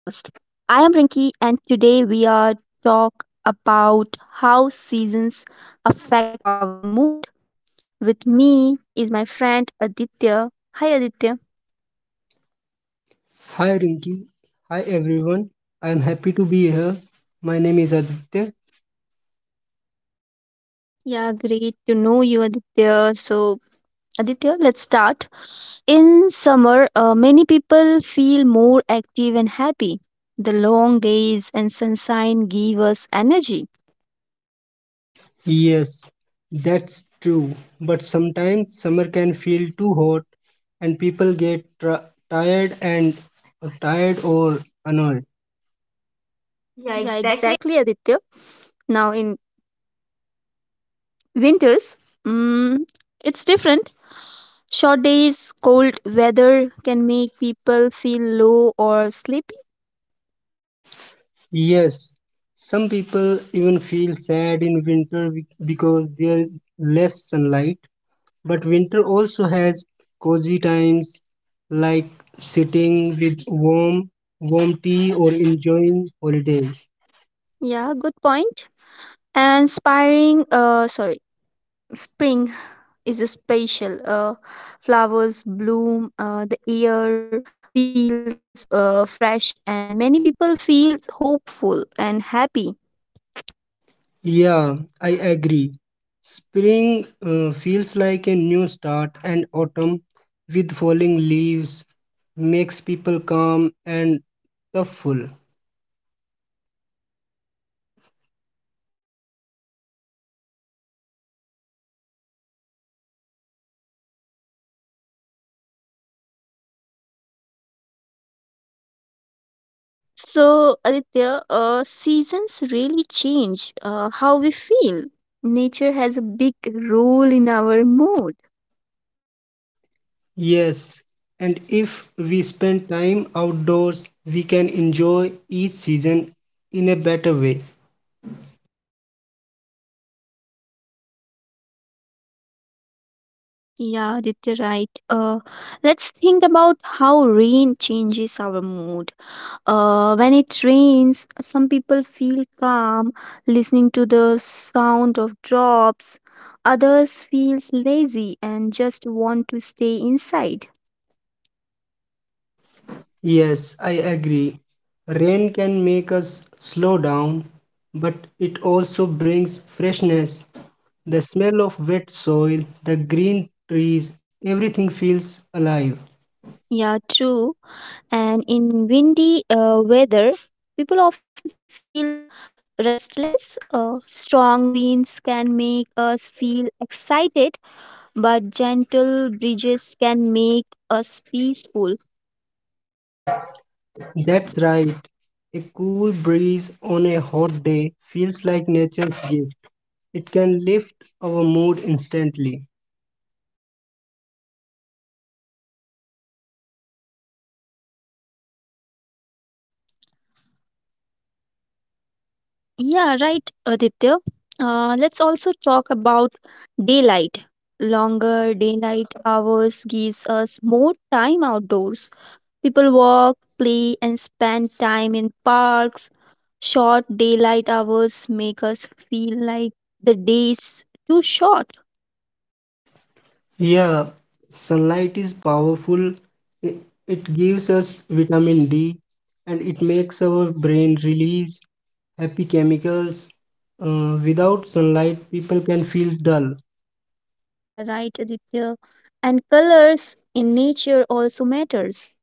I am Rinki, and today we are talk about how seasons affect our mood. With me is my friend Aditya. Hi, Aditya. Hi Rinki, hi everyone. I am happy to be here. My name is Aditya. Yeah, great to know you, Aditya. Aditya, let's start. In summer, many people feel more active and happy. The long days and sunshine give us energy. Yes, that's true. But sometimes summer can feel too hot and people get tired and tired or annoyed. Yeah, Yeah, exactly. exactly, Aditya. Now in winters, mm, it's different. Short days, cold weather can make people feel low or sleepy. Yes, some people even feel sad in winter because there is less sunlight. But winter also has cozy times like sitting with warm tea or enjoying holidays. Yeah, good point. And spring is a special. Flowers bloom, the air feels fresh, and many people feel hopeful and happy. Yeah, I agree. Spring feels like a new start, and autumn with falling leaves makes people calm and thoughtful. So, Aditya, seasons really change how we feel. Nature has a big role in our mood. Yes, and if we spend time outdoors, we can enjoy each season in a better way. Yeah, Aditya, right. Let's think about how rain changes our mood. When it rains, some people feel calm listening to the sound of drops. Others feel lazy and just want to stay inside. Yes, I agree. Rain can make us slow down, but it also brings freshness. The smell of wet soil, the green trees, everything feels alive. Yeah, true. And in windy weather, people often feels restless. Strong winds can make us feel excited, but gentle breezes can make us peaceful. That's right. A cool breeze on a hot day feels like nature's gift. It can lift our mood instantly. Yeah, right, Aditya. Let's also talk about daylight. Longer daylight hours gives us more time outdoors. People walk, play, and spend time in parks. Short daylight hours make us feel like the day's too short. Yeah, sunlight is powerful. It, it gives us vitamin D, and it makes our brain release happy chemicals. Without sunlight, people can feel dull. Yeah, right, Aditya. And colors in nature also matters.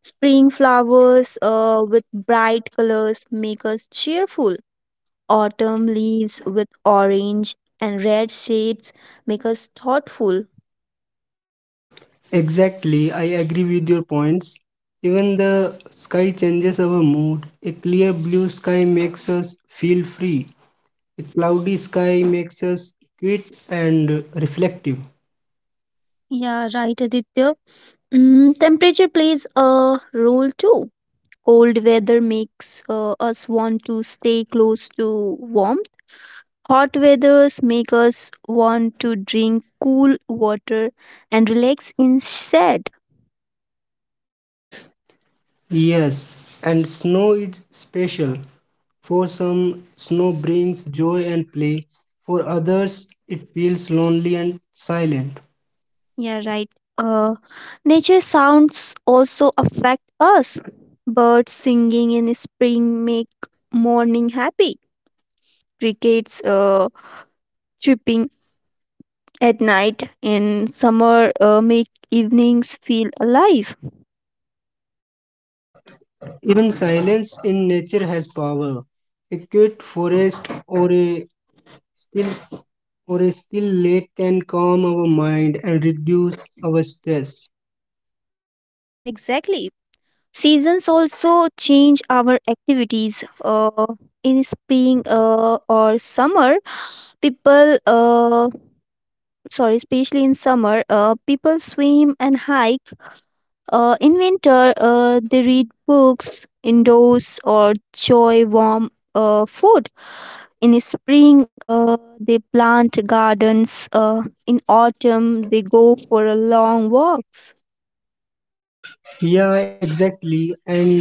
Spring flowers with bright colors make us cheerful. Autumn leaves with orange and red shades make us thoughtful. Exactly, I agree with your points. Even the sky changes our mood. A clear blue sky makes us feel free. A cloudy sky makes us quiet and reflective. Yeah, right, Aditya. Temperature plays a role too. Cold weather makes us want to stay close to warmth. Hot weathers make us want to drink cool water and relax instead. Yes, and snow is special. For some, snow brings joy and play. For others, it feels lonely and silent. Yeah, right. Uh, Nature sounds also affect us. Birds singing in spring make morning happy. Crickets chirping at night in summer make evenings feel alive. Even silence in nature has power. A quiet forest or a still still lake can calm our mind and reduce our stress. Yeah, exactly. Seasons also change our activities. In spring or summer, people, sorry, Especially in summer, people swim and hike. In winter, they read books indoors or enjoy warm food. In spring, they plant gardens. In autumn, they go for a long walks. Yeah, exactly. And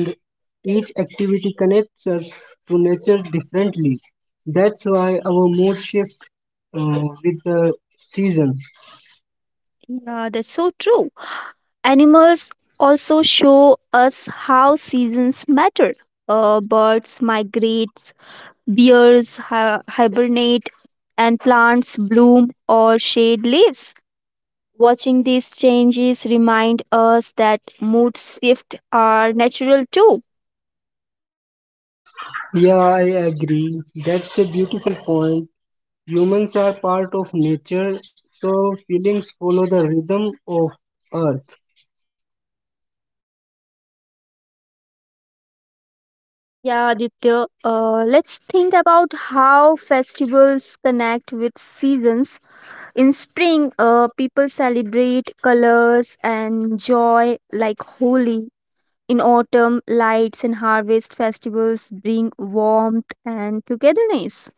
each activity connects us to nature differently. That's why our mood shift with the season. Yeah, that's so true. Animals also show us how seasons matter. Birds migrate, hibernate, and plants bloom or shade leaves. Watching these changes remind us that mood shifts are natural too. Yeah, I agree. That's a beautiful point. Humans are part of nature, so feelings follow the rhythm of earth. Yeah, Aditya, let's think about how festivals connect with seasons. In spring, people celebrate colors and joy like Holi. In autumn, lights and harvest festivals bring warmth and togetherness.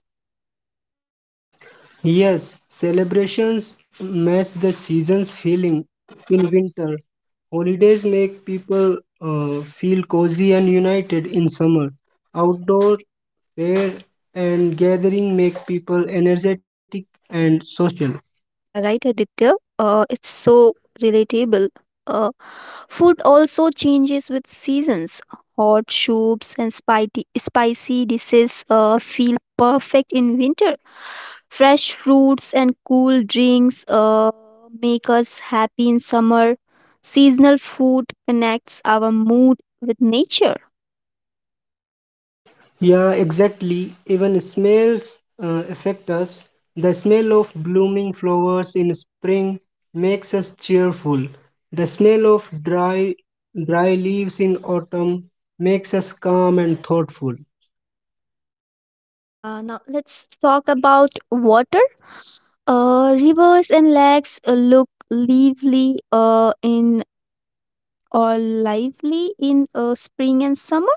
Yes, celebrations match the season's feeling. In winter, holidays make people feel cozy and united. In summer, outdoor fair and gathering make people energetic and social. Yeah, right, Aditya. It's so relatable. Uh, Food also changes with seasons. Hot soups and spicy dishes feel perfect in winter. Fresh fruits and cool drinks make us happy in summer. Seasonal food connects our mood with nature. Yeah, exactly. Even smells affect us. The smell of blooming flowers in spring makes us cheerful. The smell of dry leaves in autumn makes us calm and thoughtful. Yeah, now let's talk about water. Rivers and lakes look lively in or lively in spring and summer.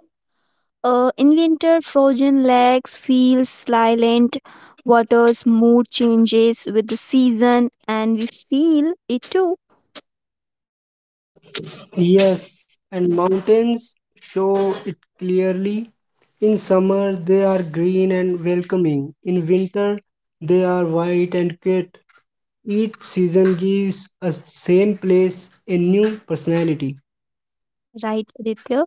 In winter, frozen lakes feel silent. Water's mood changes with the season, and we feel it too. Yes, and mountains show it clearly. In summer, they are green and welcoming. In winter, they are white and quiet. Each season gives a same place a new personality. Yeah, right, Aditya.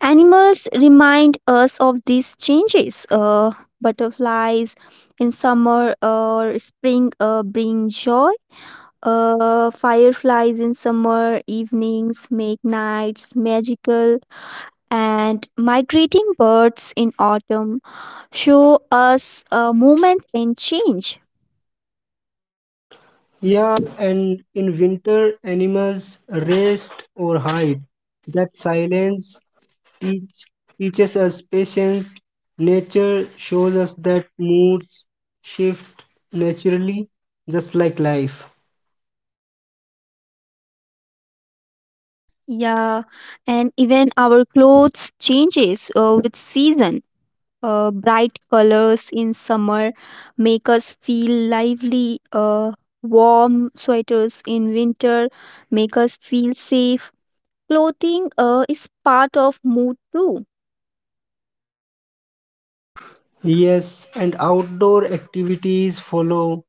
Animals remind us of these changes. Butterflies in summer or spring bring joy. Fireflies in summer evenings make nights magical, and migrating birds in autumn show us a movement and change. Yeah, and in winter, animals rest or hide. That silence teach, teaches us patience. Nature shows us that moods shift naturally, just like life. Yeah, and even our clothes changes with season. Bright colors in summer make us feel lively. Warm sweaters in winter make us feel safe. Clothing is part of mood too. Yes, and outdoor activities follow,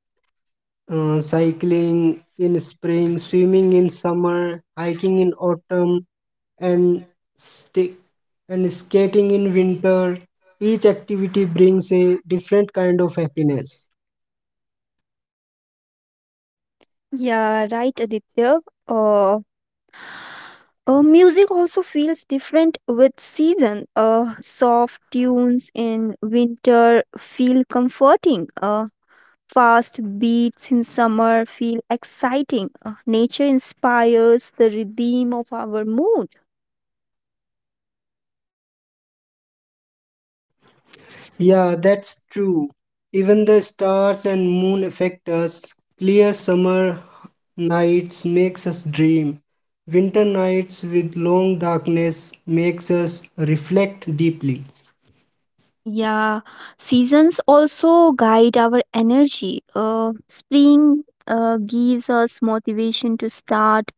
cycling in spring, swimming in summer, hiking in autumn, and stick and skating in winter. Each activity brings a different kind of happiness. Yeah, right, Aditya. Uh, Music also feels different with season. Soft tunes in winter feel comforting. Fast beats in summer feel exciting. Nature inspires the rhythm of our mood. Yeah, that's true. Even the stars and moon affect us. Clear summer nights makes us dream. Winter nights with long darkness makes us reflect deeply. Yeah, seasons also guide our energy. Spring gives us motivation to start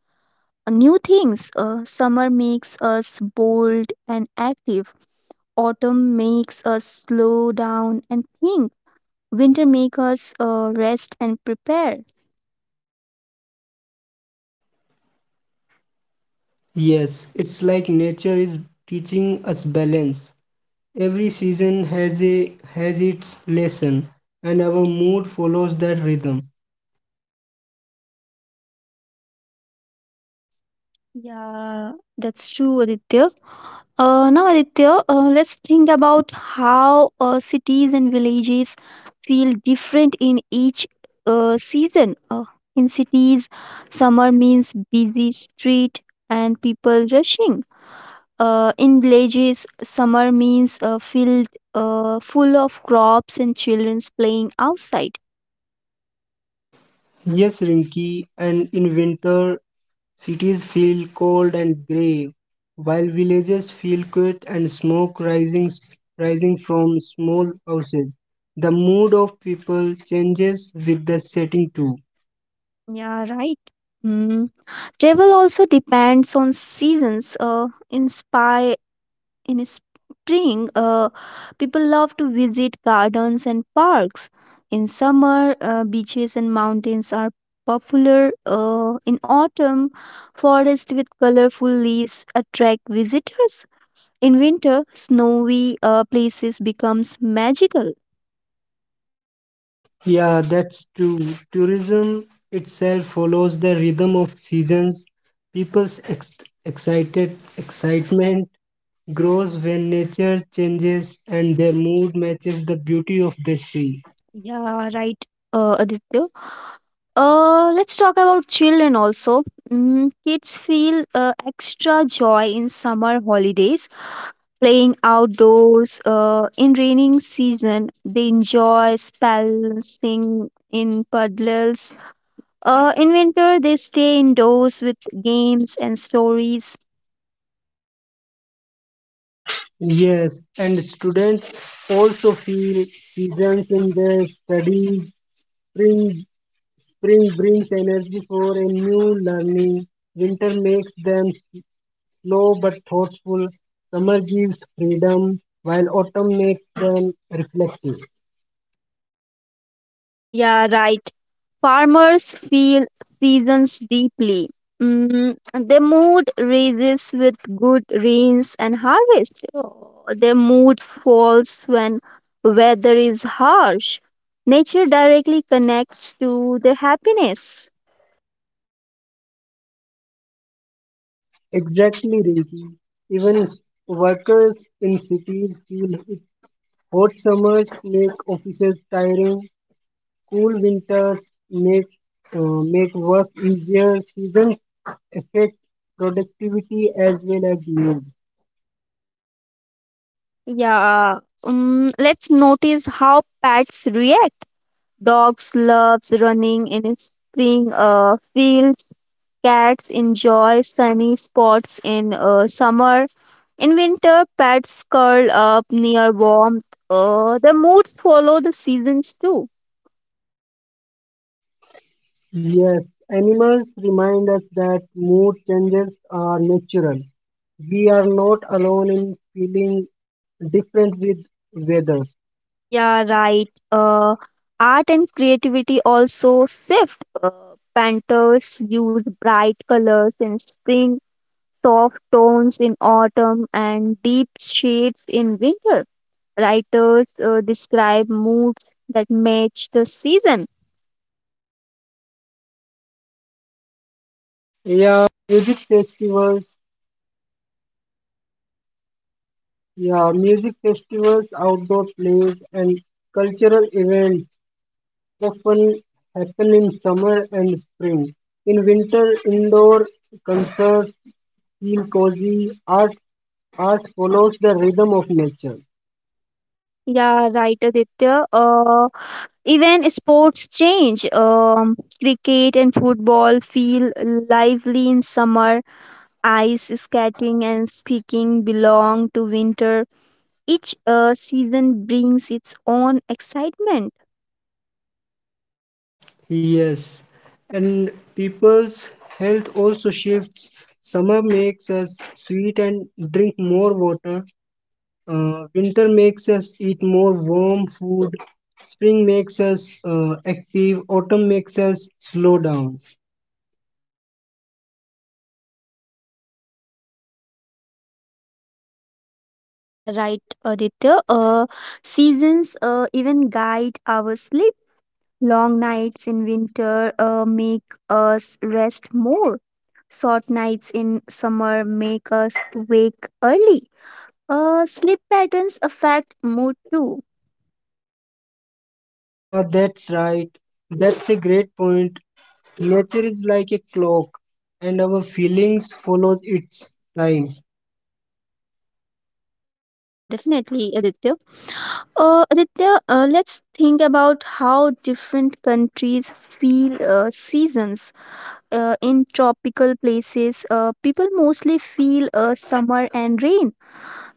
new things. Summer makes us bold and active. Autumn makes us slow down and think. Winter makes us rest and prepare. Yes, it's like nature is teaching us balance. Every season has its lesson, and our mood follows that rhythm. Yeah, that's true, Aditya. Aditya, let's think about how cities and villages feel different in each season. In cities, summer means busy street and people rushing. In villages, summer means a field full of crops and childrens playing outside. Yes, Rinky, and in winter, cities feel cold and grey, while villages feel quiet and smoke rising from small houses. The mood of people changes with the setting too. Yeah, right. Mm. Travel also depends on seasons. In spring, people love to visit gardens and parks. In summer, beaches and mountains are popular. In autumn, forests with colorful leaves attract visitors. In winter, snowy places becomes magical. Yeah, that's true. Tourism itself follows the rhythm of seasons. People's ex- excited excitement grows when nature changes, and their mood matches the beauty of the sea. Yeah, right, Aditya. Let's talk about children also. Kids feel extra joy in summer holidays playing outdoors. In raining season, they enjoy spacing in puddles. In winter, they stay indoors with games and stories. Yes, and students also feel seasons in their studies. Spring, Spring brings energy for a new learning. Winter makes them slow but thoughtful. Summer gives freedom, while autumn makes them reflective. Yeah, right. Farmers feel seasons deeply. mm, their mood raises with good rains and harvest. Oh, their mood falls when weather is harsh. Nature directly connects to their happiness. Exactly, Rinki. Even workers in cities feel it. Hot summers make offices tiring. Cool winters make work easier. Seasons affect productivity as well as mood. Yeah, let's notice how pets react. Dogs loves running in spring fields. Cats enjoy sunny spots in summer. In winter, pets curl up near warmth. The moods follow the seasons too. Yes, animals remind us that mood changes are natural. We are not alone in feeling different with weather. Yeah, right. Art and creativity also shift. Painters use bright colors in spring, soft tones in autumn, and deep shades in winter. Writers describe moods that match the season. Yeah, music festivals, outdoor plays, and cultural events often happen in summer and spring. In winter, indoor concerts feel cozy. Art follows the rhythm of nature. Yeah, right, Aditya. Even sports change. Cricket and football feel lively in summer. Ice skating and skiing belong to winter. Each season brings its own excitement. Yes, and people's health also shifts. Summer makes us sweet and drink more water. Winter makes us eat more warm food. Spring makes us active. Autumn makes us slow down. Yeah, right, Aditya. Seasons even guide our sleep. Long nights in winter make us rest more. Short nights in summer make us wake early. Sleep patterns affect mood too. Yeah, that's right. That's a great point. Nature is like a clock, and our feelings follow its time. Yeah, definitely, Aditya. Aditya, let's think about how different countries feel seasons. In tropical places, people mostly feel summer and rain.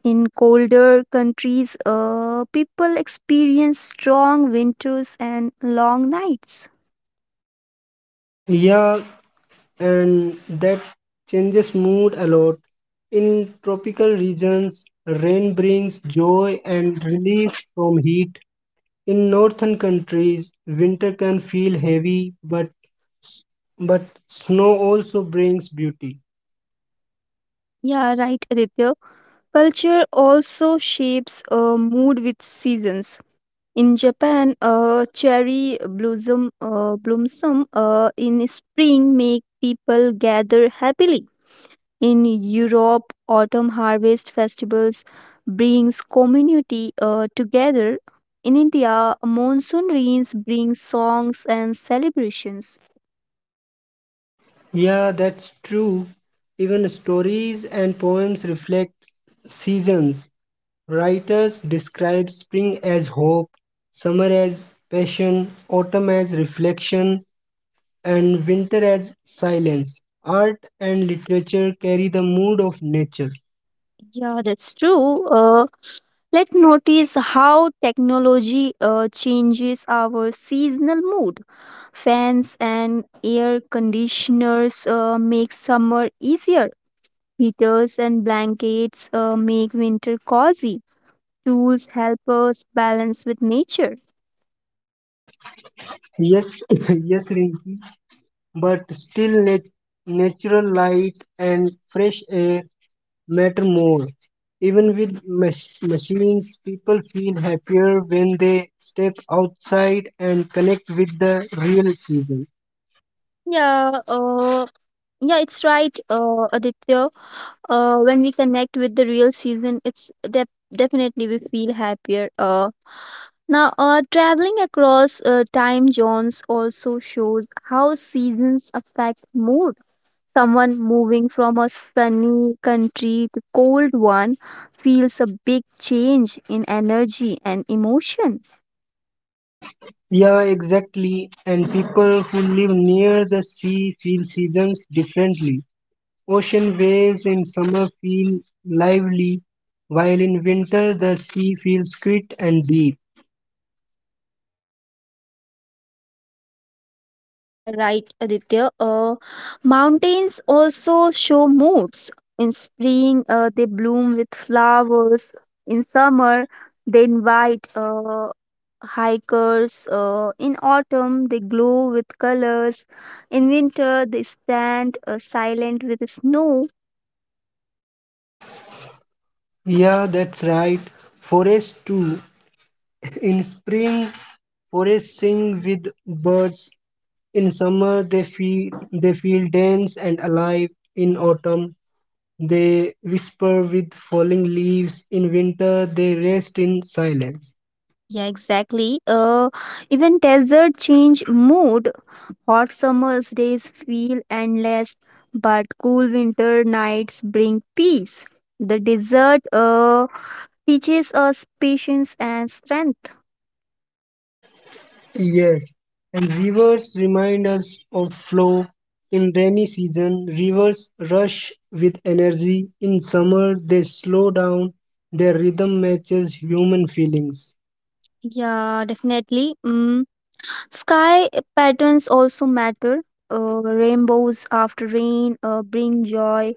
In colder countries, people experience strong winters and long nights. Yeah, and that changes mood a lot. In tropical regions, rain brings joy and relief from heat. In northern countries, winter can feel heavy, but snow also brings beauty. Yeah, right, Aditya. Culture also shapes mood with seasons. In Japan, cherry blossom blossom in spring make people gather happily. In Europe, autumn harvest festivals brings community together. In India, monsoon rains bring songs and celebrations. Yeah, that's true. Even stories and poems reflect seasons. Writers describe spring as hope, summer as passion, autumn as reflection, and winter as silence. Art and literature carry the mood of nature. Yeah, that's true. Let's notice how technology changes our seasonal mood. Fans and air conditioners make summer easier. Heaters and blankets make winter cozy. Tools help us balance with nature. Yes, yes, Rinki. But still, natural light and fresh air matter more. Even with machines, people feel happier when they step outside and connect with the real season. Yeah, yeah, it's right, Aditya. When we connect with the real season, it's def definitely we feel happier. Traveling across time zones also shows how seasons affect mood. Someone moving from a sunny country to cold one feels a big change in energy and emotion. Yeah, exactly. And people who live near the sea feel seasons differently. Ocean waves in summer feel lively, while in winter the sea feels quiet and deep. Yeah, right, Aditya. Mountains also show moods. In spring, they bloom with flowers. In summer, they invite hikers. In autumn, they glow with colors. In winter, they stand silent with snow. Yeah, that's right. Forests too. In spring, forests sing with birds. In summer, they feel dense and alive. In autumn, they whisper with falling leaves. In winter, they rest in silence. Yeah, exactly. Even desert change mood. Hot summer's days feel endless, but cool winter nights bring peace. The desert teaches us patience and strength. Yes, and rivers remind us of flow. In rainy season, rivers rush with energy. In summer, they slow down. Their rhythm matches human feelings. Yeah, definitely. Mm. Sky patterns also matter. Rainbows after rain bring joy.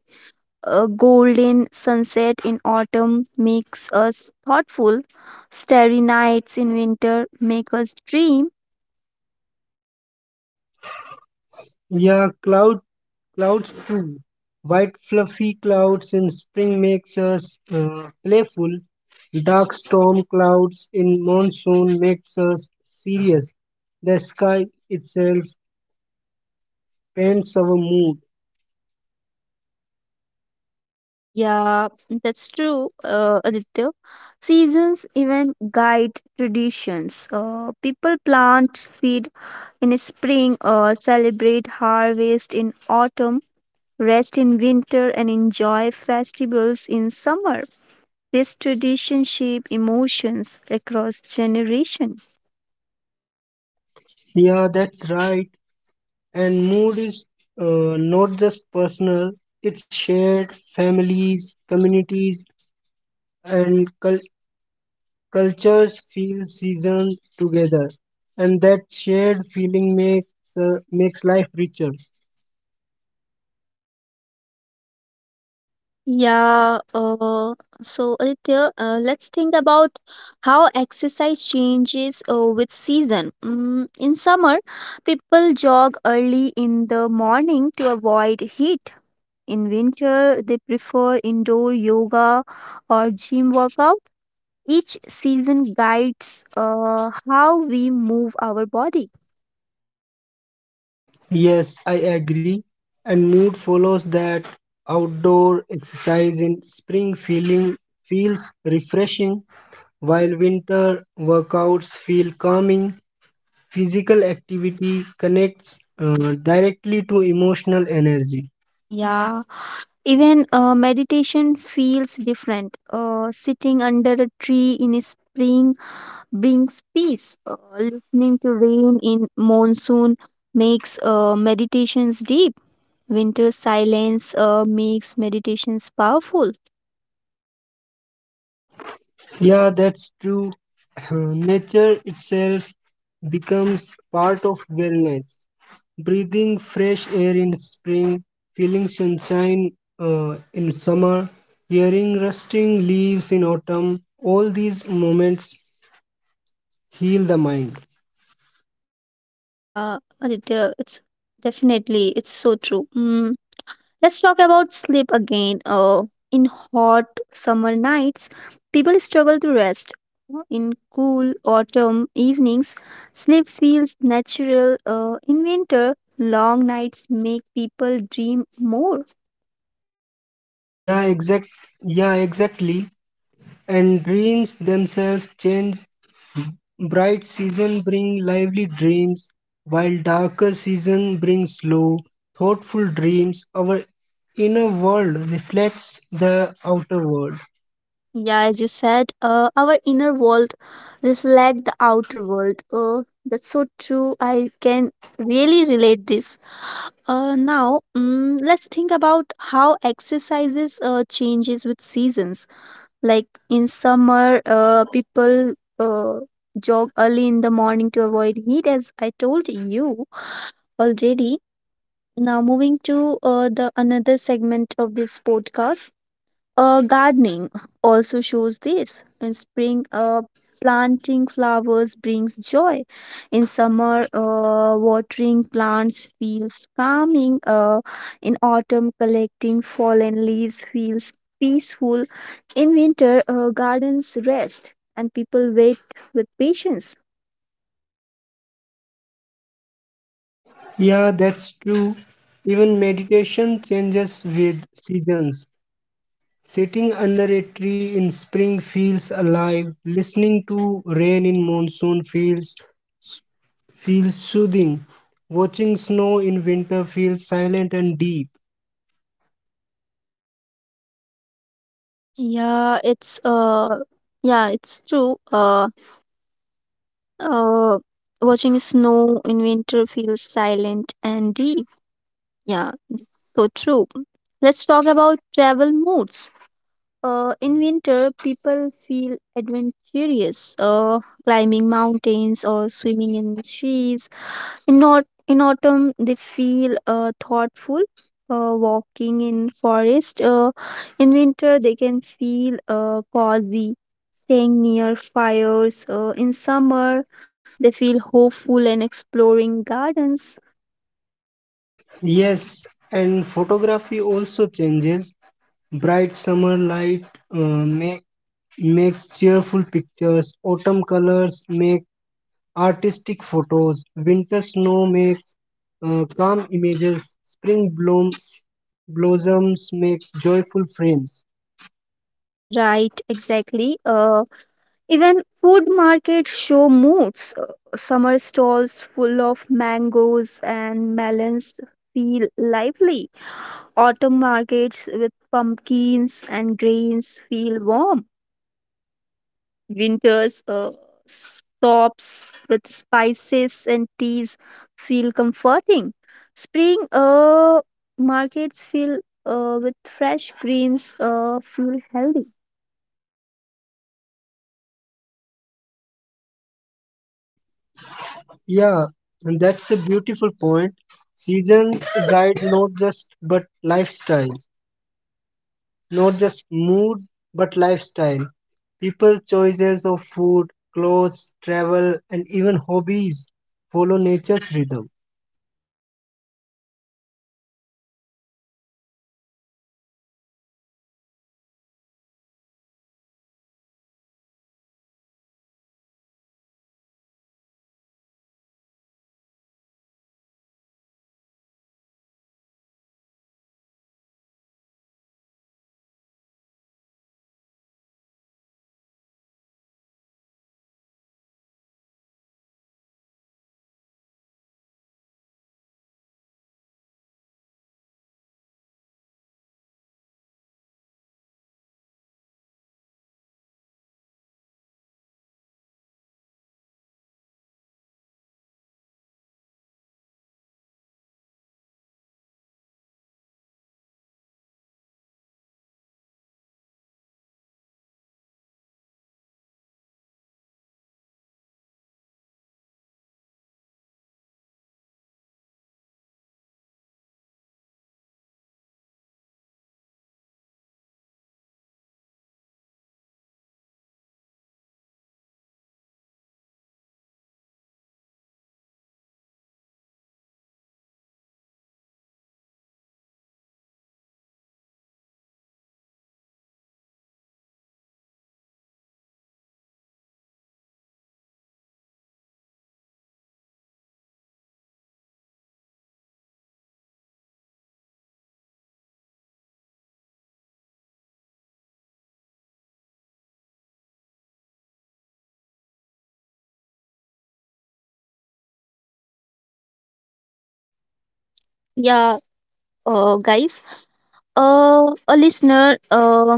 A golden sunset in autumn makes us thoughtful. Starry nights in winter make us dream. Yeah, clouds too. White fluffy clouds in spring makes us playful. Dark storm clouds in monsoon makes us serious. The sky itself paints our mood. Yeah, that's true, Aditya. Seasons even guide traditions. People plant seed in spring, celebrate harvest in autumn, rest in winter, and enjoy festivals in summer. This tradition shape emotions across generation. Yeah, that's right. And mood is not just personal, it's shared families, communities, and culture. Cultures feel season together, and that shared feeling makes life richer. Yeah, so Aditya, let's think about how exercise changes with season. In summer, people jog early in the morning to avoid heat. In winter, they prefer indoor yoga or gym workout. Each season guides how we move our body. Yes, I agree. And mood follows that outdoor exercise. In spring, feeling feels refreshing, while winter workouts feel calming. Physical activity connects directly to emotional energy. Yeah, even meditation feels different. Sitting under a tree in spring brings peace. Listening to rain in monsoon makes meditations deep. Winter silence makes meditations powerful. Yeah, that's true. Nature itself becomes part of wellness. Breathing fresh air in spring, feeling sunshine in summer, hearing rustling leaves in autumn, all these moments heal the mind. Yeah, Aditya, it's so true. Mm. Let's talk about sleep again. In hot summer nights, people struggle to rest. In cool autumn evenings, sleep feels natural. In winter, long nights make people dream more. Yeah, exact. Yeah, exactly. And dreams themselves change. Bright season bring lively dreams, while darker season bring slow, thoughtful dreams. Our inner world reflects the outer world. Yeah, as you said, our inner world reflect the outer world. That's so true. I can really relate this. Now, let's think about how exercises changes with seasons. Like in summer, people jog early in the morning to avoid heat, as I told you already. Now, moving to the another segment of this podcast, gardening also shows this. In spring, planting flowers brings joy. In summer, watering plants feels calming. In autumn, collecting fallen leaves feels peaceful. In winter, gardens rest and people wait with patience. Yeah, that's true. Even meditation changes with seasons. Sitting under a tree in spring feels alive. Listening to rain in monsoon feels soothing. Watching snow in winter feels silent and deep. Yeah, it's uh yeah, it's true. Uh Watching snow in winter feels silent and deep. Yeah. So true. Let's talk about travel moods. In winter, people feel adventurous, climbing mountains or swimming in seas. In, au- in autumn, they feel thoughtful, walking in forest. In winter, they can feel cozy, staying near fires. In summer, they feel hopeful and exploring gardens. Yes, and photography also changes. Bright summer light uh, make, makes cheerful pictures. Autumn colors make artistic photos, winter snow makes calm images, blossoms make joyful frames. Yeah, right, exactly. Even food markets show moods. Summer stalls full of mangoes and melons feel lively. Autumn markets with pumpkins and grains feel warm. Winters shops with spices and teas feel comforting. Spring markets feel with fresh greens feel healthy. Yeah, and that's a beautiful point. Season guide not just but lifestyle, Not just mood but lifestyle. People choices of food, clothes, travel, and even hobbies follow nature's rhythm. Yeah, guys. Uh, a listener, uh,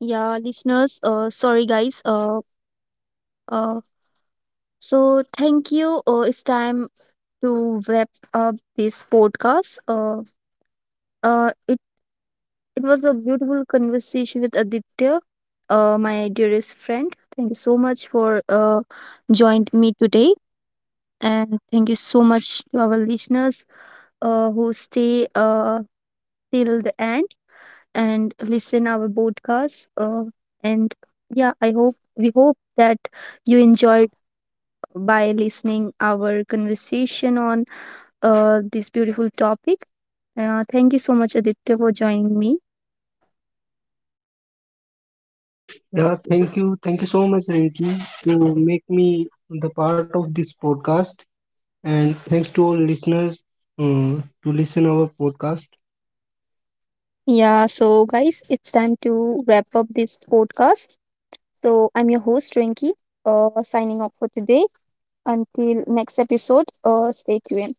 yeah, listeners, sorry, guys. Uh, so thank you. It's time to wrap up this podcast. Uh, it, it was a beautiful conversation with Aditya, my dearest friend. Thank you so much for joined me today, and thank you so much to our listeners who stay till the end and listen our podcast. And yeah, I hope we hope that you enjoyed by listening our conversation on this beautiful topic. Thank you so much, Aditya, for joining me. Yeah, thank you. Thank you so much, Rinki, to make me the part of this podcast, and thanks to all listeners to listen our podcast. Yeah, so guys, it's time to wrap up this podcast. So I'm your host, Rinky, signing off for today. Until next episode, stay tuned.